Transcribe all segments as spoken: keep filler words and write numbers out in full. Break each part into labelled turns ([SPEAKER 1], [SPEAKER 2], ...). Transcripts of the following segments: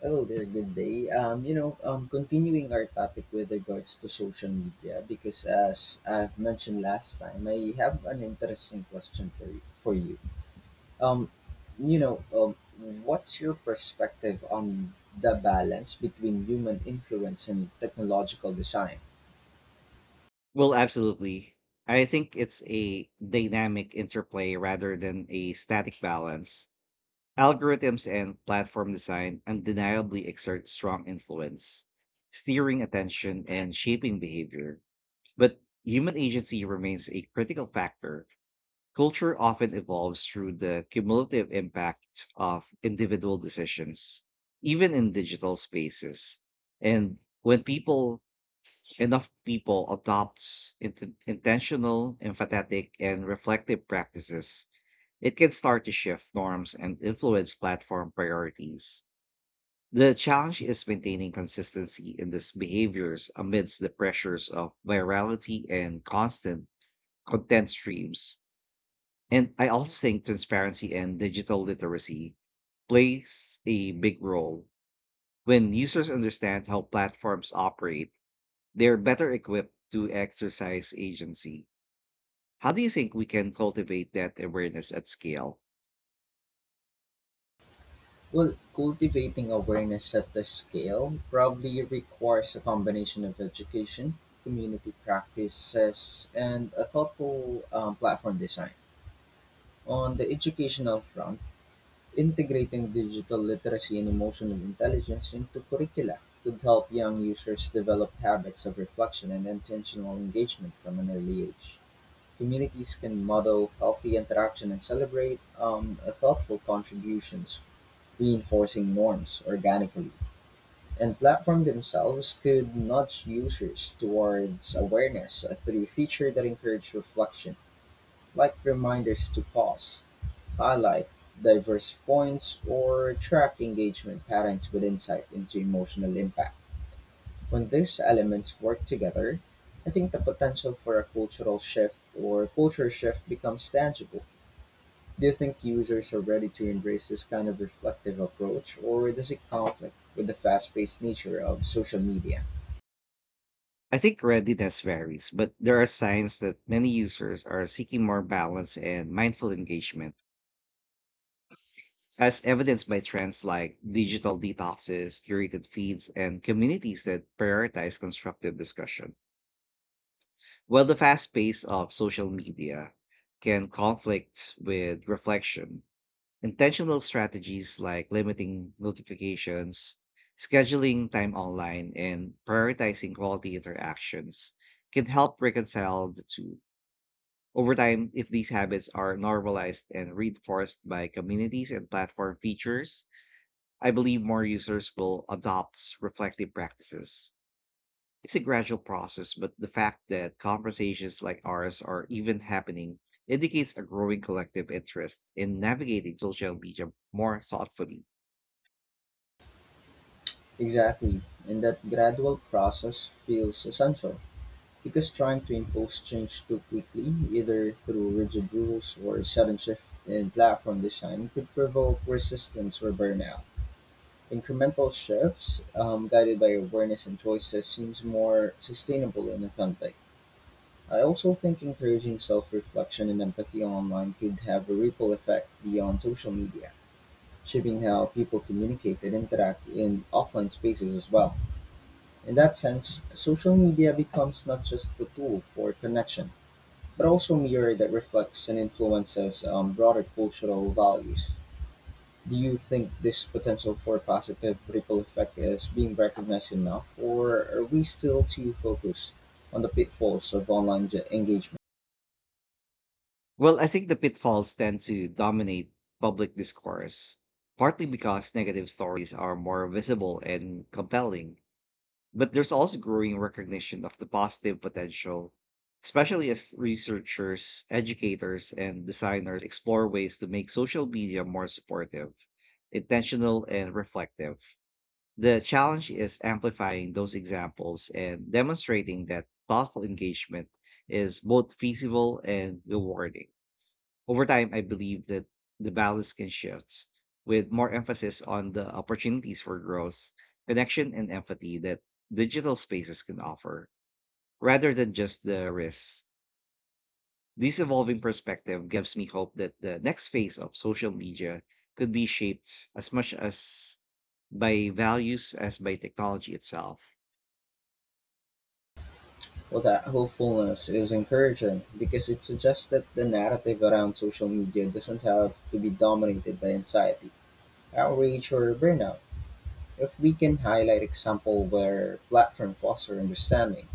[SPEAKER 1] Hello there, good day. Um, you know, um, continuing our topic with regards to social media, because as I've mentioned last time, I have an interesting question for you. For you. Um, you know, um, what's your perspective on the balance between human influence and technological design?
[SPEAKER 2] Well, absolutely. I think it's a dynamic interplay rather than a static balance. Algorithms and platform design undeniably exert strong influence, steering attention and shaping behavior. But human agency remains a critical factor. Culture often evolves through the cumulative impact of individual decisions, even in digital spaces. And when people enough people adopts int- intentional, empathetic, and reflective practices, it can start to shift norms and influence platform priorities. The challenge is maintaining consistency in these behaviors amidst the pressures of virality and constant content streams. And I also think transparency and digital literacy plays a big role. When users understand how platforms operate, they're better equipped to exercise agency. How do you think we can cultivate that awareness at scale?
[SPEAKER 1] Well, cultivating awareness at the scale probably requires a combination of education, community practices, and a thoughtful um, platform design. On the educational front, integrating digital literacy and emotional intelligence into curricula could help young users develop habits of reflection and intentional engagement from an early age. Communities can model healthy interaction and celebrate um, thoughtful contributions, reinforcing norms organically. And platforms themselves could nudge users towards awareness uh, through features that encourage reflection, like reminders to pause, highlight diverse points or track engagement patterns with insight into emotional impact. When these elements work together, I think the potential for a cultural shift or culture shift becomes tangible. Do you think users are ready to embrace this kind of reflective approach, or does it conflict with the fast paced nature of social media?
[SPEAKER 2] I think readiness varies, but there are signs that many users are seeking more balance and mindful engagement, as evidenced by trends like digital detoxes, curated feeds, and communities that prioritize constructive discussion. While the fast pace of social media can conflict with reflection, intentional strategies like limiting notifications, scheduling time online, and prioritizing quality interactions can help reconcile the two. Over time, if these habits are normalized and reinforced by communities and platform features, I believe more users will adopt reflective practices. It's a gradual process, but the fact that conversations like ours are even happening indicates a growing collective interest in navigating social media more thoughtfully.
[SPEAKER 1] Exactly, and that gradual process feels essential. Because trying to impose change too quickly, either through rigid rules or a sudden shift in platform design, could provoke resistance or burnout. Incremental shifts, um, guided by awareness and choices, seems more sustainable and authentic. I also think encouraging self reflection and empathy online could have a ripple effect beyond social media, shaping how people communicate and interact in offline spaces as well. In that sense, social media becomes not just a tool for connection but also mirror that reflects and influences um, broader cultural values. Do you think this potential for positive ripple effect is being recognized enough, or are we still too focused on the pitfalls of online ge- engagement?
[SPEAKER 2] Well, I think the pitfalls tend to dominate public discourse, partly because negative stories are more visible and compelling, but there's also growing recognition of the positive potential, especially as researchers, educators, and designers explore ways to make social media more supportive, intentional, and reflective. The challenge is amplifying those examples and demonstrating that thoughtful engagement is both feasible and rewarding. Over time, I believe that the balance can shift with more emphasis on the opportunities for growth, connection, and empathy that digital spaces can offer, rather than just the risks. This evolving perspective gives me hope that the next phase of social media could be shaped as much as by values as by technology itself.
[SPEAKER 1] Well, that hopefulness is encouraging because it suggests that the narrative around social media doesn't have to be dominated by anxiety, outrage, or burnout. If we can highlight example where platform foster understanding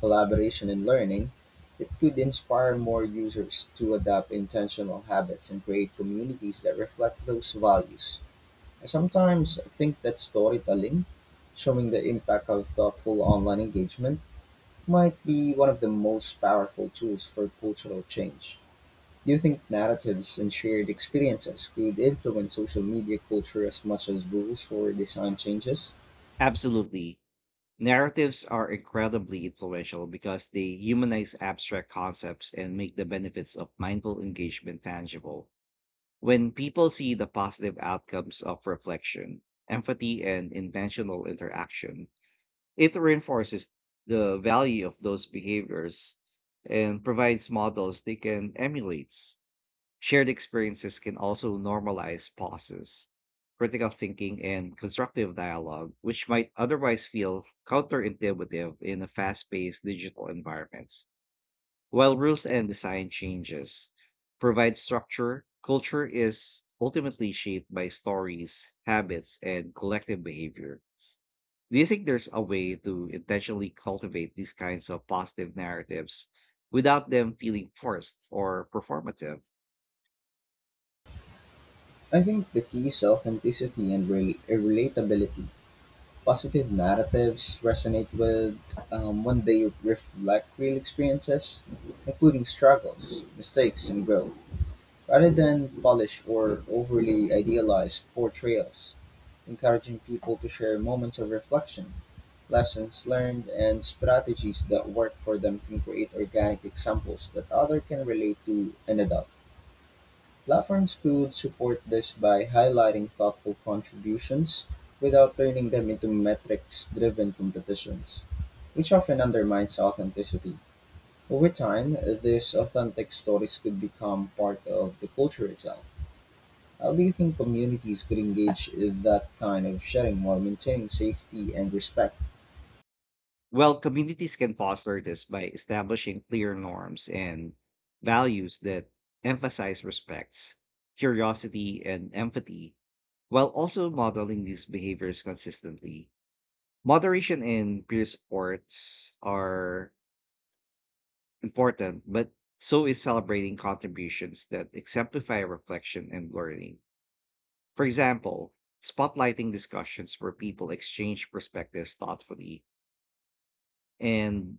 [SPEAKER 1] collaboration and learning, it could inspire more users to adopt intentional habits and create communities that reflect those values. I sometimes think that storytelling, showing the impact of thoughtful online engagement, might be one of the most powerful tools for cultural change. Do you think narratives and shared experiences could influence social media culture as much as rules or design changes?
[SPEAKER 2] Absolutely. Narratives are incredibly influential because they humanize abstract concepts and make the benefits of mindful engagement tangible. When people see the positive outcomes of reflection, empathy, and intentional interaction, it reinforces the value of those behaviors and provides models they can emulate. Shared experiences can also normalize pauses, critical thinking, and constructive dialogue, which might otherwise feel counterintuitive in a fast paced digital environments. While rules and design changes provide structure, culture is ultimately shaped by stories, habits, and collective behavior. Do you think there's a way to intentionally cultivate these kinds of positive narratives without them feeling forced or performative?
[SPEAKER 1] I think the key is authenticity and rel- relatability positive narratives resonate with um, when they reflect real experiences, including struggles, mistakes, and growth, rather than polished or overly idealized portrayals, encouraging people to share moments of reflection. Lessons learned and strategies that work for them can create organic examples that others can relate to and adopt. Platforms could support this by highlighting thoughtful contributions without turning them into metrics-driven competitions, which often undermines authenticity. Over time, these authentic stories could become part of the culture itself. How do you think communities could engage in that kind of sharing while maintaining safety and respect?
[SPEAKER 2] Well, communities can foster this by establishing clear norms and values that emphasize respects, curiosity, and empathy, while also modeling these behaviors consistently. Moderation and peer supports are important, but so is celebrating contributions that exemplify reflection and learning. For example, spotlighting discussions where people exchange perspectives thoughtfully and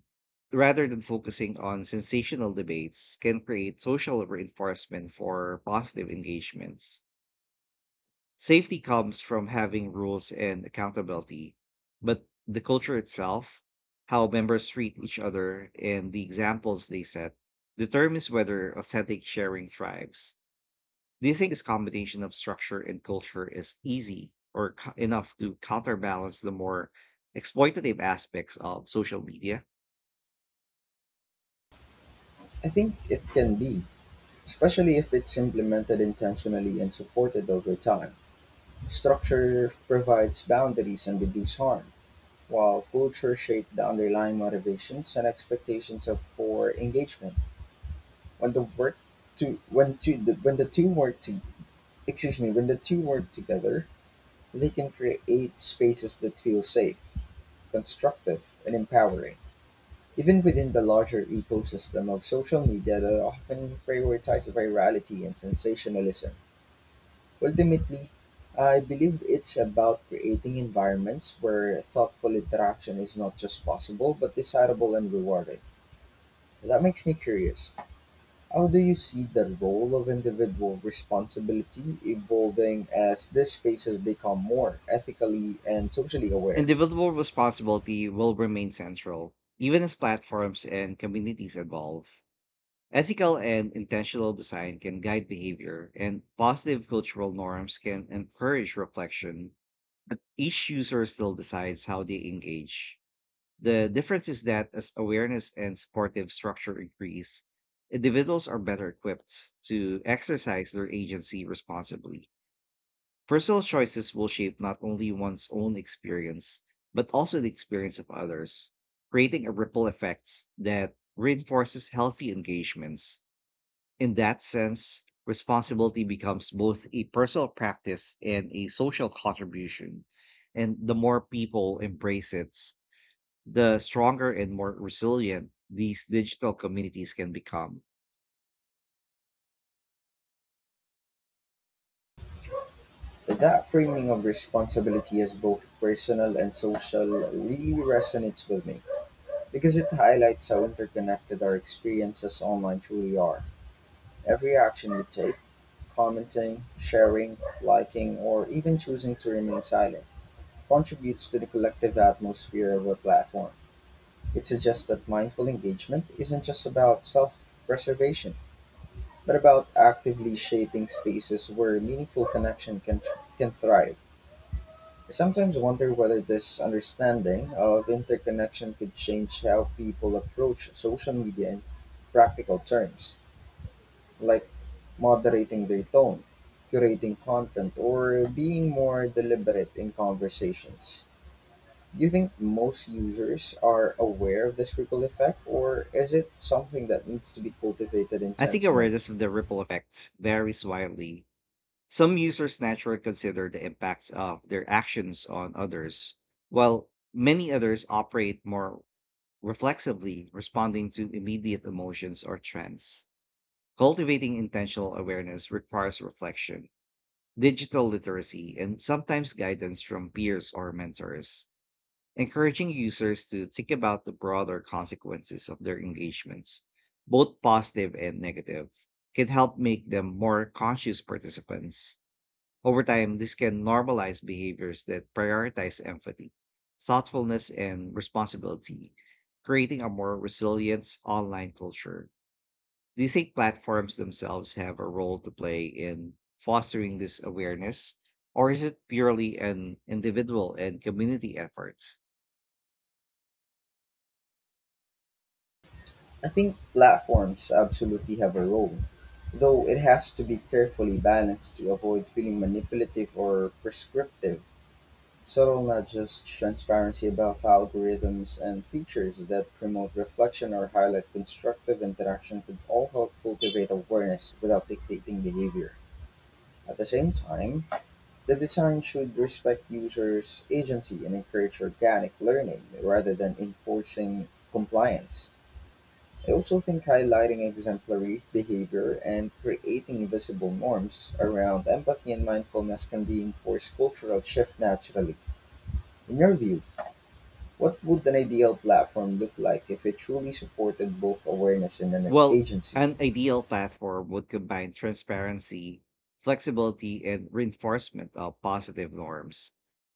[SPEAKER 2] rather than focusing on sensational debates, can create social reinforcement for positive engagements. Safety comes from having rules and accountability, but the culture itself, how members treat each other, and the examples they set determines whether authentic sharing thrives. Do you think this combination of structure and culture is easy or co- enough to counterbalance the more exploitative aspects of social media?
[SPEAKER 1] I think it can be, especially if it's implemented intentionally and supported over time. Structure provides boundaries and reduces harm, while culture shaped the underlying motivations and expectations of for engagement. When the work to when to the, when the two work to excuse me when the two work together, they can create spaces that feel safe, constructive, and empowering. Even within the larger ecosystem of social media that often prioritizes virality and sensationalism. Ultimately, I believe it's about creating environments where thoughtful interaction is not just possible, but desirable and rewarding. That makes me curious. How do you see the role of individual responsibility evolving as these spaces become more ethically and socially aware?
[SPEAKER 2] Individual responsibility will remain central, even as platforms and communities evolve. Ethical and intentional design can guide behavior, and positive cultural norms can encourage reflection. But each user still decides how they engage. The difference is that as awareness and supportive structure increase, individuals are better equipped to exercise their agency responsibly. Personal choices will shape not only one's own experience, but also the experience of others, creating a ripple effects that reinforces healthy engagements. In that sense, responsibility becomes both a personal practice and a social contribution. And the more people embrace it, the stronger and more resilient these digital communities can become.
[SPEAKER 1] That framing of responsibility as both personal and social really resonates with me because it highlights how interconnected our experiences online truly are. Every action we take, commenting, sharing, liking, or even choosing to remain silent contributes to the collective atmosphere of a platform. It suggests that mindful engagement isn't just about self preservation, but about actively shaping spaces where meaningful connection can, can thrive. I sometimes wonder whether this understanding of interconnection could change how people approach social media in practical terms. Like moderating their tone, curating content, or being more deliberate in conversations. Do you think most users are aware of this ripple effect, or is it something that needs to be cultivated
[SPEAKER 2] I think
[SPEAKER 1] intentionally?
[SPEAKER 2] awareness of the ripple effects varies widely. Some users naturally consider the impacts of their actions on others, while many others operate more reflexively, responding to immediate emotions or trends. Cultivating intentional awareness requires reflection, digital literacy, and sometimes guidance from peers or mentors, encouraging users to think about the broader consequences of their engagements, both positive and negative. Can help make them more conscious participants. Over time, this can normalize behaviors that prioritize empathy, thoughtfulness, and responsibility, creating a more resilient online culture. Do you think platforms themselves have a role to play in fostering this awareness, or is it purely an individual and community effort?
[SPEAKER 1] I think platforms absolutely have a role, though it has to be carefully balanced to avoid feeling manipulative or prescriptive. So not just transparency about algorithms and features that promote reflection or highlight constructive interaction could all help cultivate awareness without dictating behavior. At the same time, the design should respect users' agency and encourage organic learning rather than enforcing compliance. I also think highlighting exemplary behavior and creating visible norms around empathy and mindfulness can reinforce cultural shift naturally. In your view, what would an ideal platform look like if it truly supported both awareness and an
[SPEAKER 2] Well,
[SPEAKER 1] agency?
[SPEAKER 2] an ideal platform would combine transparency, flexibility, and reinforcement of positive norms.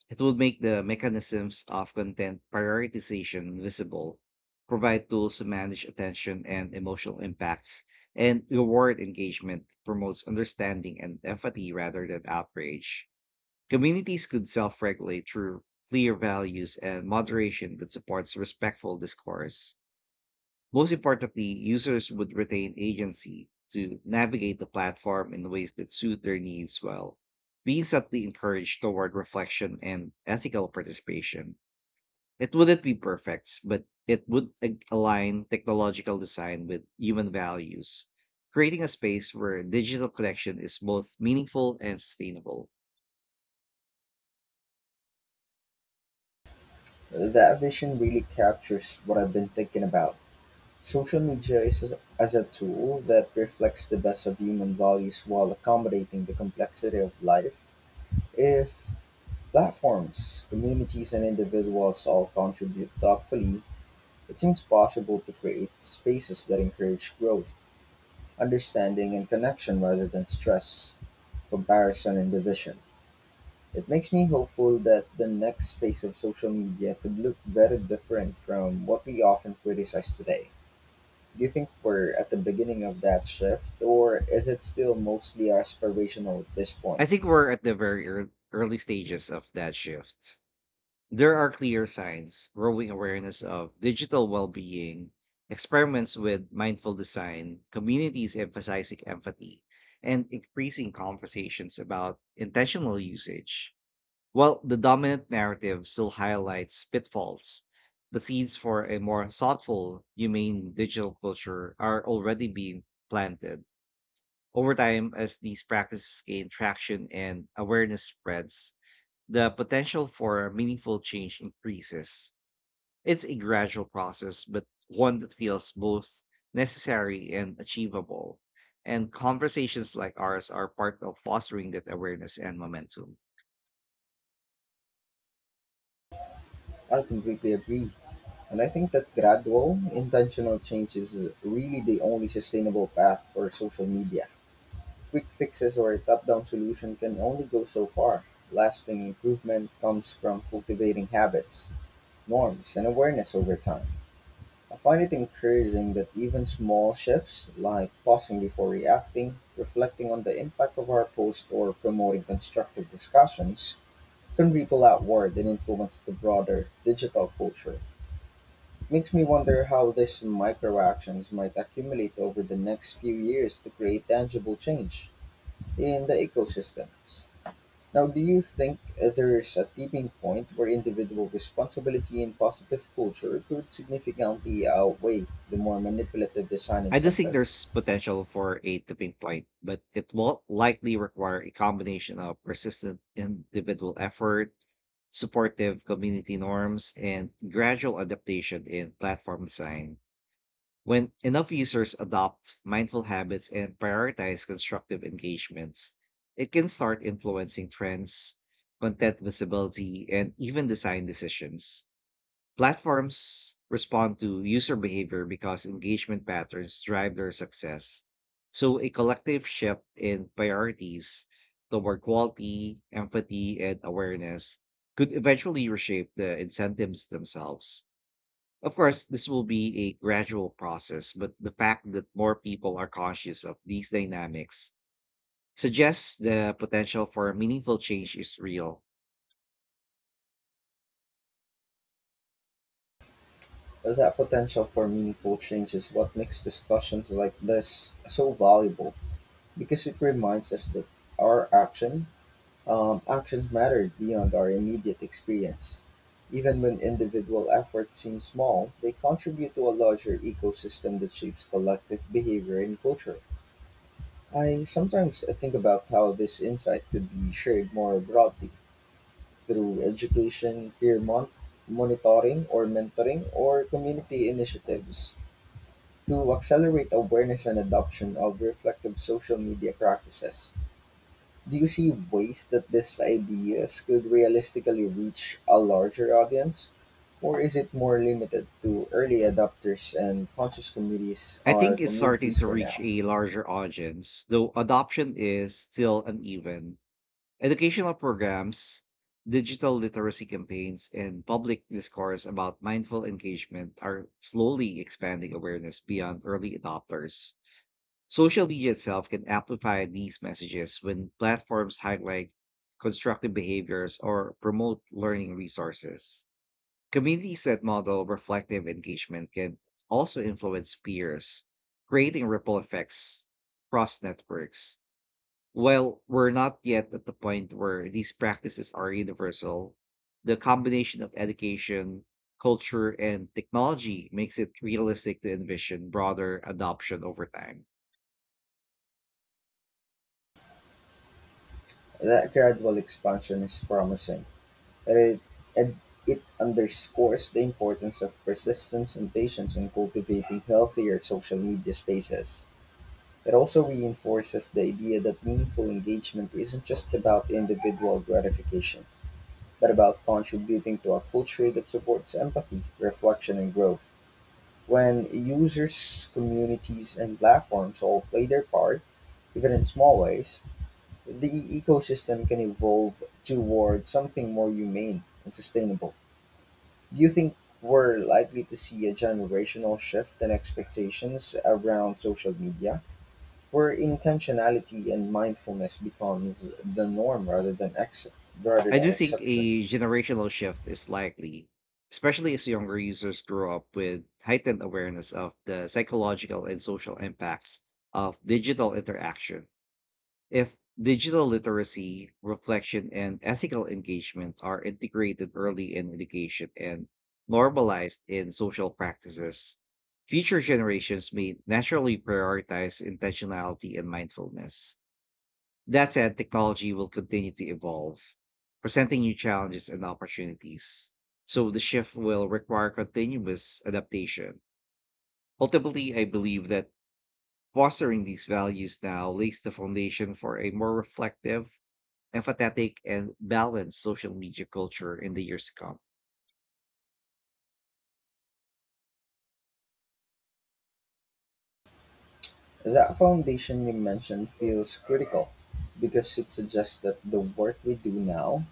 [SPEAKER 2] It would make the mechanisms of content prioritization visible, provide tools to manage attention and emotional impacts, and reward engagement, promotes understanding and empathy rather than outrage. Communities could self regulate through clear values and moderation that supports respectful discourse. Most importantly, users would retain agency to navigate the platform in ways that suit their needs while being subtly encouraged toward reflection and ethical participation. It wouldn't be perfect, but it would ag- align technological design with human values, creating a space where digital connection is both meaningful and sustainable.
[SPEAKER 1] Well, that vision really captures what I've been thinking about. Social media is a, as a tool that reflects the best of human values while accommodating the complexity of life. If platforms, communities, and individuals all contribute thoughtfully, it seems possible to create spaces that encourage growth, understanding, and connection rather than stress, comparison, and division. It makes me hopeful that the next phase of social media could look very different from what we often criticize today. Do you think we're at the beginning of that shift, or is it still mostly aspirational at this point?
[SPEAKER 2] I think we're at the very ear- early stages of that shift. There are clear signs, growing awareness of digital well being, experiments with mindful design, communities emphasizing empathy, and increasing conversations about intentional usage. While the dominant narrative still highlights pitfalls, the seeds for a more thoughtful, humane digital culture are already being planted. Over time, as these practices gain traction and awareness spreads, the potential for meaningful change increases. It's a gradual process, but one that feels both necessary and achievable. And conversations like ours are part of fostering that awareness and momentum.
[SPEAKER 1] I completely agree. And I think that gradual, intentional change is really the only sustainable path for social media. Quick fixes or a top down solution can only go so far. Lasting improvement comes from cultivating habits, norms, and awareness over time. I find it encouraging that even small shifts, like pausing before reacting, reflecting on the impact of our post, or promoting constructive discussions, can ripple outward and influence the broader digital culture. Makes me wonder how these micro actions might accumulate over the next few years to create tangible change in the ecosystems. Now, do you think there's a tipping point where individual responsibility and positive culture could significantly outweigh the more manipulative design
[SPEAKER 2] I do think
[SPEAKER 1] incentives?
[SPEAKER 2] there's potential for a tipping point, but it will likely require a combination of persistent individual effort, supportive community norms, and gradual adaptation in platform design. When enough users adopt mindful habits and prioritize constructive engagements, it can start influencing trends, content visibility, and even design decisions. Platforms respond to user behavior because engagement patterns drive their success. So, a collective shift in priorities toward quality, empathy, and awareness could eventually reshape the incentives themselves. Of course, this will be a gradual process, but the fact that more people are conscious of these dynamics suggests the potential for meaningful change is real.
[SPEAKER 1] That potential for meaningful change is what makes discussions like this so valuable because it reminds us that our action, um, actions matter beyond our immediate experience. Even when individual efforts seem small, they contribute to a larger ecosystem that shapes collective behavior and culture. I sometimes think about how this insight could be shared more broadly through education, peer mon- monitoring or mentoring, or community initiatives to accelerate awareness and adoption of reflective social media practices. Do you see ways that these ideas could realistically reach a larger audience? Or is it more limited to early adopters and conscious communities
[SPEAKER 2] I
[SPEAKER 1] or
[SPEAKER 2] think it's starting
[SPEAKER 1] communities
[SPEAKER 2] to
[SPEAKER 1] for
[SPEAKER 2] reach
[SPEAKER 1] now?
[SPEAKER 2] a larger audience, though adoption is still uneven. Educational programs, digital literacy campaigns, and public discourse about mindful engagement are slowly expanding awareness beyond early adopters. Social media itself can amplify these messages when platforms highlight constructive behaviors or promote learning resources. Communities that model reflective engagement can also influence peers, creating ripple effects across networks. While we're not yet at the point where these practices are universal, the combination of education, culture, and technology makes it realistic to envision broader adoption over time.
[SPEAKER 1] That gradual expansion is promising. and it, and it underscores the importance of persistence and patience in cultivating healthier social media spaces. It also reinforces the idea that meaningful engagement isn't just about individual gratification, but about contributing to a culture that supports empathy, reflection, and growth. When users, communities, and platforms all play their part, even in small ways, the ecosystem can evolve toward something more humane and sustainable. Do you think we're likely to see a generational shift in expectations around social media, where intentionality and mindfulness becomes the norm rather than ex- rather
[SPEAKER 2] I
[SPEAKER 1] than
[SPEAKER 2] do think
[SPEAKER 1] exception?
[SPEAKER 2] a generational shift is likely, especially as younger users grow up with heightened awareness of the psychological and social impacts of digital interaction. If digital literacy, reflection, and ethical engagement are integrated early in education and normalized in social practices, future generations may naturally prioritize intentionality and mindfulness. That said, technology will continue to evolve, presenting new challenges and opportunities. So the shift will require continuous adaptation. Ultimately, I believe that fostering these values now lays the foundation for a more reflective, empathetic, and balanced social media culture in the years to come.
[SPEAKER 1] That foundation you mentioned feels critical because it suggests that the work we do now,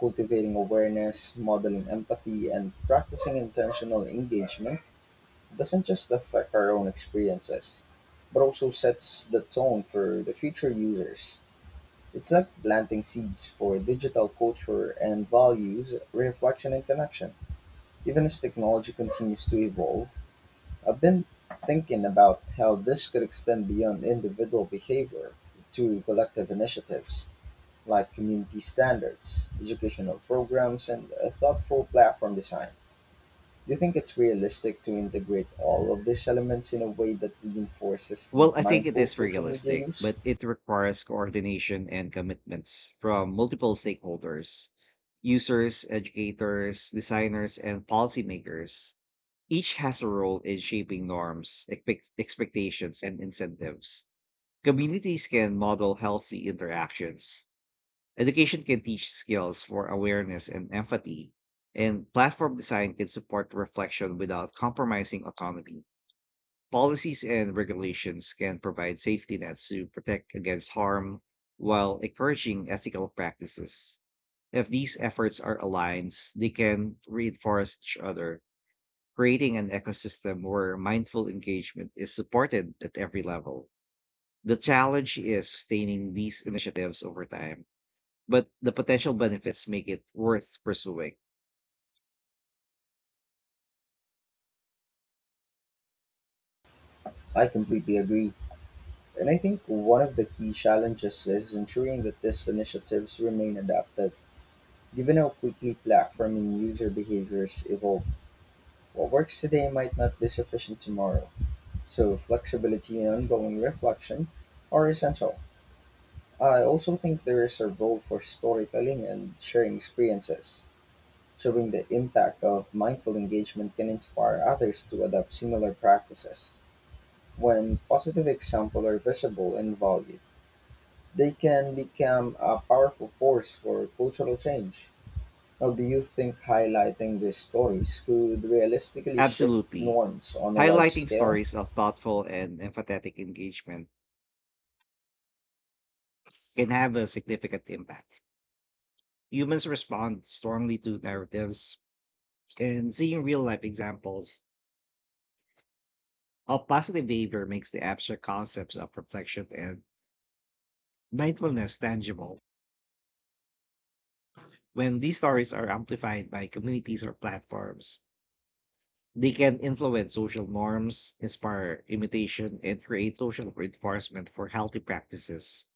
[SPEAKER 1] cultivating awareness, modeling empathy, and practicing intentional engagement, doesn't just affect our own experiences, but also sets the tone for the future users. It's like planting seeds for digital culture and values, reflection and connection. Even as technology continues to evolve, I've been thinking about how this could extend beyond individual behavior to collective initiatives like community standards, educational programs, and a thoughtful platform design. Do you think it's realistic to integrate all of these elements in a way that reinforces
[SPEAKER 2] Well, I think it
[SPEAKER 1] mindful
[SPEAKER 2] is
[SPEAKER 1] social media
[SPEAKER 2] realistic,
[SPEAKER 1] use?
[SPEAKER 2] but it requires coordination and commitments from multiple stakeholders: users, educators, designers, and policymakers. Each has a role in shaping norms, expect- expectations, and incentives. Communities can model healthy interactions. Education can teach skills for awareness and empathy. And platform design can support reflection without compromising autonomy. Policies and regulations can provide safety nets to protect against harm while encouraging ethical practices. If these efforts are aligned, they can reinforce each other, creating an ecosystem where mindful engagement is supported at every level. The challenge is sustaining these initiatives over time, but the potential benefits make it worth pursuing.
[SPEAKER 1] I completely agree. And I think one of the key challenges is ensuring that these initiatives remain adaptive. Given how quickly platform and user behaviors evolve, what works today might not be sufficient tomorrow. So, flexibility and ongoing reflection are essential. I also think there is a role for storytelling and sharing experiences. Showing the impact of mindful engagement can inspire others to adopt similar practices when positive examples are visible and valued. They can become a powerful force for cultural change. Now, do you think highlighting these stories could realistically shift
[SPEAKER 2] Absolutely.
[SPEAKER 1] norms on a large
[SPEAKER 2] Highlighting
[SPEAKER 1] scale?
[SPEAKER 2] stories of thoughtful and empathetic engagement can have a significant impact. Humans respond strongly to narratives, and seeing real life examples of positive behavior makes the abstract concepts of reflection and mindfulness tangible. When these stories are amplified by communities or platforms, they can influence social norms, inspire imitation, and create social reinforcement for healthy practices.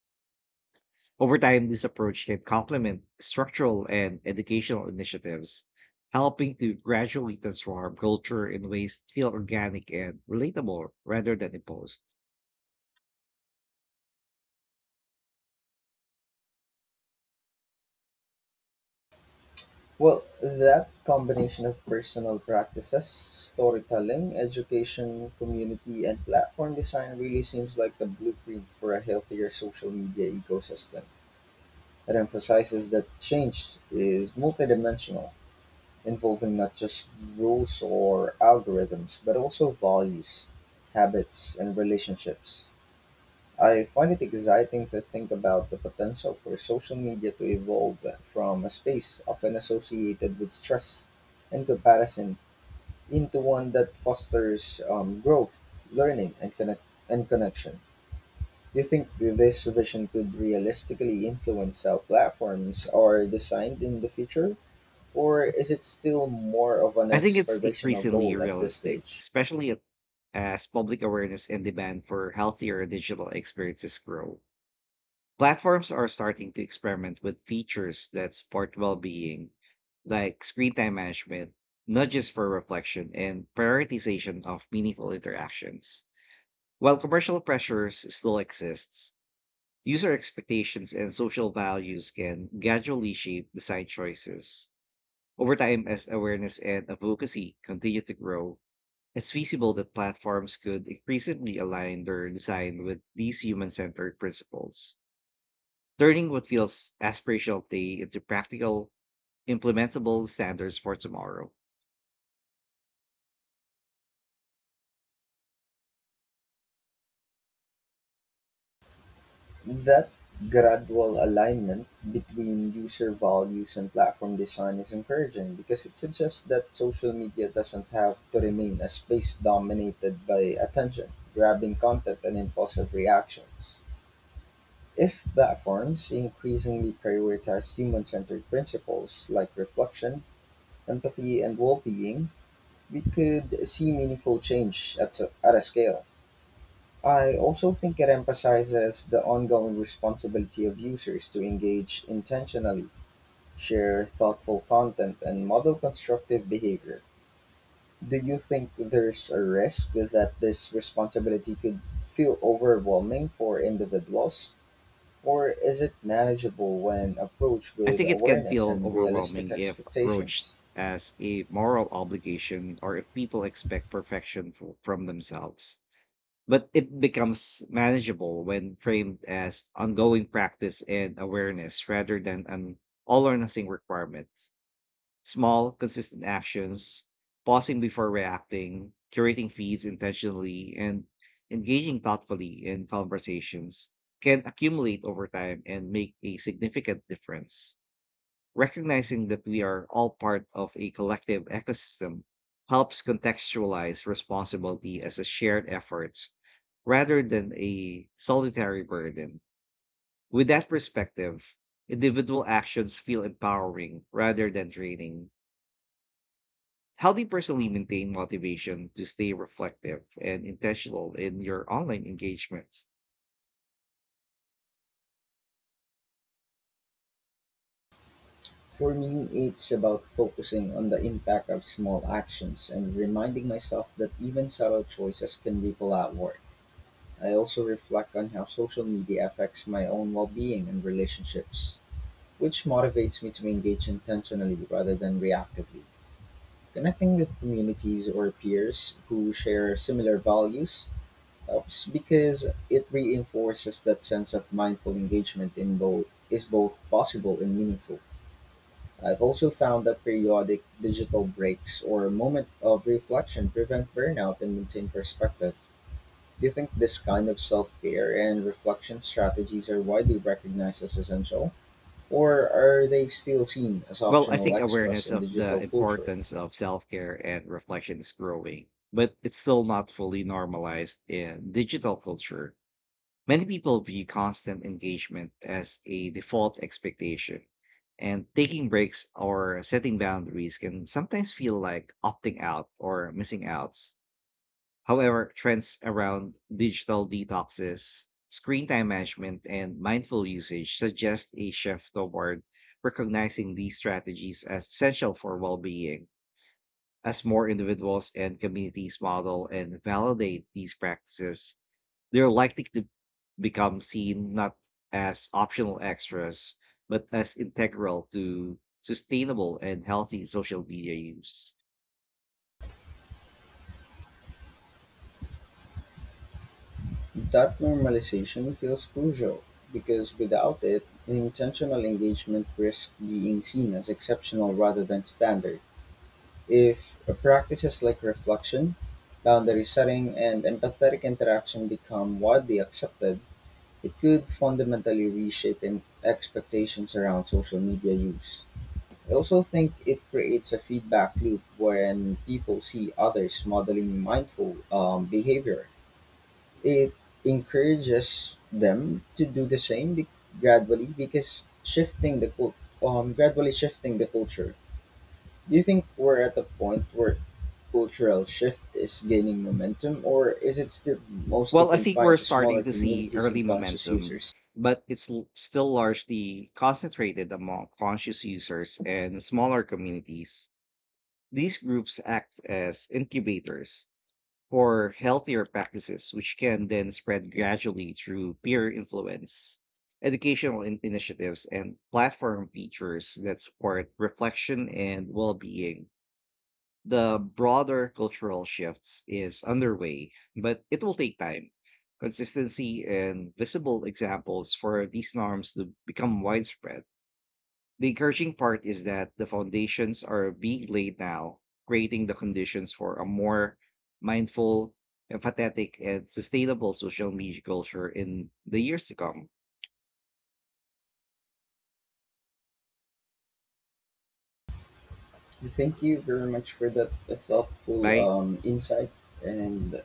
[SPEAKER 2] Over time, this approach can complement structural and educational initiatives, helping to gradually transform culture in ways that feel organic and relatable rather than imposed.
[SPEAKER 1] Well, that combination of personal practices, storytelling, education, community, and platform design really seems like the blueprint for a healthier social media ecosystem. It emphasizes that change is multidimensional involving not just rules or algorithms, but also values, habits, and relationships. I find it exciting to think about the potential for social media to evolve from a space often associated with stress and comparison into one that fosters um, growth, learning, and, connect- and connection. Do you think this vision could realistically influence how platforms are designed in the future? Or is it still more of an
[SPEAKER 2] I think it's
[SPEAKER 1] aspirational
[SPEAKER 2] increasingly
[SPEAKER 1] goal at this
[SPEAKER 2] realistic,
[SPEAKER 1] stage?
[SPEAKER 2] especially at- as public awareness and demand for healthier digital experiences grow. Platforms are starting to experiment with features that support well being, like screen time management, nudges for reflection, and prioritization of meaningful interactions. While commercial pressures still exists, user expectations and social values can gradually shape design choices. Over time, as awareness and advocacy continue to grow, it's feasible that platforms could increasingly align their design with these human-centered principles, turning what feels aspirational today into practical, implementable standards for tomorrow.
[SPEAKER 1] That gradual alignment between user values and platform design is encouraging because it suggests that social media doesn't have to remain a space dominated by attention, grabbing content, and impulsive reactions. If platforms increasingly prioritize human centered principles like reflection, empathy, and well being, we could see meaningful change at, s- at a scale. I also think it emphasizes the ongoing responsibility of users to engage intentionally, share thoughtful content, and model constructive behavior. Do you think there's a risk that this responsibility could feel overwhelming for individuals? Or is it manageable when approached
[SPEAKER 2] I
[SPEAKER 1] with
[SPEAKER 2] think it can
[SPEAKER 1] awareness
[SPEAKER 2] feel
[SPEAKER 1] and realistic
[SPEAKER 2] overwhelming if approached
[SPEAKER 1] expectations?
[SPEAKER 2] as a moral obligation or if people expect perfection fo- from themselves. But it becomes manageable when framed as ongoing practice and awareness rather than an all or nothing requirement. Small, consistent actions, pausing before reacting, curating feeds intentionally, and engaging thoughtfully in conversations can accumulate over time and make a significant difference. Recognizing that we are all part of a collective ecosystem helps contextualize responsibility as a shared effort rather than a solitary burden. With that perspective, individual actions feel empowering rather than draining. How do you personally maintain motivation to stay reflective and intentional in your online engagement?
[SPEAKER 1] For me, it's about focusing on the impact of small actions and reminding myself that even subtle choices can ripple outward. I also reflect on how social media affects my own well being and relationships, which motivates me to engage intentionally rather than reactively. Connecting with communities or peers who share similar values helps because it reinforces that sense of mindful engagement in both is both possible and meaningful. I've also found that periodic digital breaks or moment of reflection prevent burnout and maintain perspective. Do you think this kind of self-care and reflection strategies are widely recognized as essential? Or are they still seen as
[SPEAKER 2] Well, I
[SPEAKER 1] optional
[SPEAKER 2] think
[SPEAKER 1] extras
[SPEAKER 2] awareness
[SPEAKER 1] in
[SPEAKER 2] of
[SPEAKER 1] digital
[SPEAKER 2] the
[SPEAKER 1] culture?
[SPEAKER 2] importance of self care and reflection is growing, but it's still not fully normalized in digital culture. Many people view constant engagement as a default expectation, and taking breaks or setting boundaries can sometimes feel like opting out or missing out. However, trends around digital detoxes, screen time management, and mindful usage suggest a shift toward recognizing these strategies as essential for well being. As more individuals and communities model and validate these practices, they're likely to become seen not as optional extras, but as integral to sustainable and healthy social media use.
[SPEAKER 1] That normalization feels crucial because without it, intentional engagement risks being seen as exceptional rather than standard. If practices like reflection, boundary setting, and empathetic interaction become widely accepted, it could fundamentally reshape in- expectations around social media use. I also think it creates a feedback loop when people see others modeling mindful um, behavior. It encourages them to do the same be- gradually because shifting the cul- um, gradually shifting the culture. Do you think we're at the point where cultural shift is gaining momentum, or is it still mostly
[SPEAKER 2] Well, I think we're
[SPEAKER 1] confined to smaller
[SPEAKER 2] starting to see
[SPEAKER 1] communities
[SPEAKER 2] early
[SPEAKER 1] and conscious
[SPEAKER 2] momentum,
[SPEAKER 1] users?
[SPEAKER 2] but it's l- still largely concentrated among conscious users and smaller communities. These groups act as incubators for healthier practices, which can then spread gradually through peer influence, educational in- initiatives, and platform features that support reflection and well being. The broader cultural shifts is underway, but it will take time. Consistency and visible examples for these norms to become widespread. The encouraging part is that the foundations are being laid now, creating the conditions for a more mindful, empathetic, and sustainable social media culture in the years to come.
[SPEAKER 1] Thank you very much for that thoughtful
[SPEAKER 2] Bye.
[SPEAKER 1] um, insight, and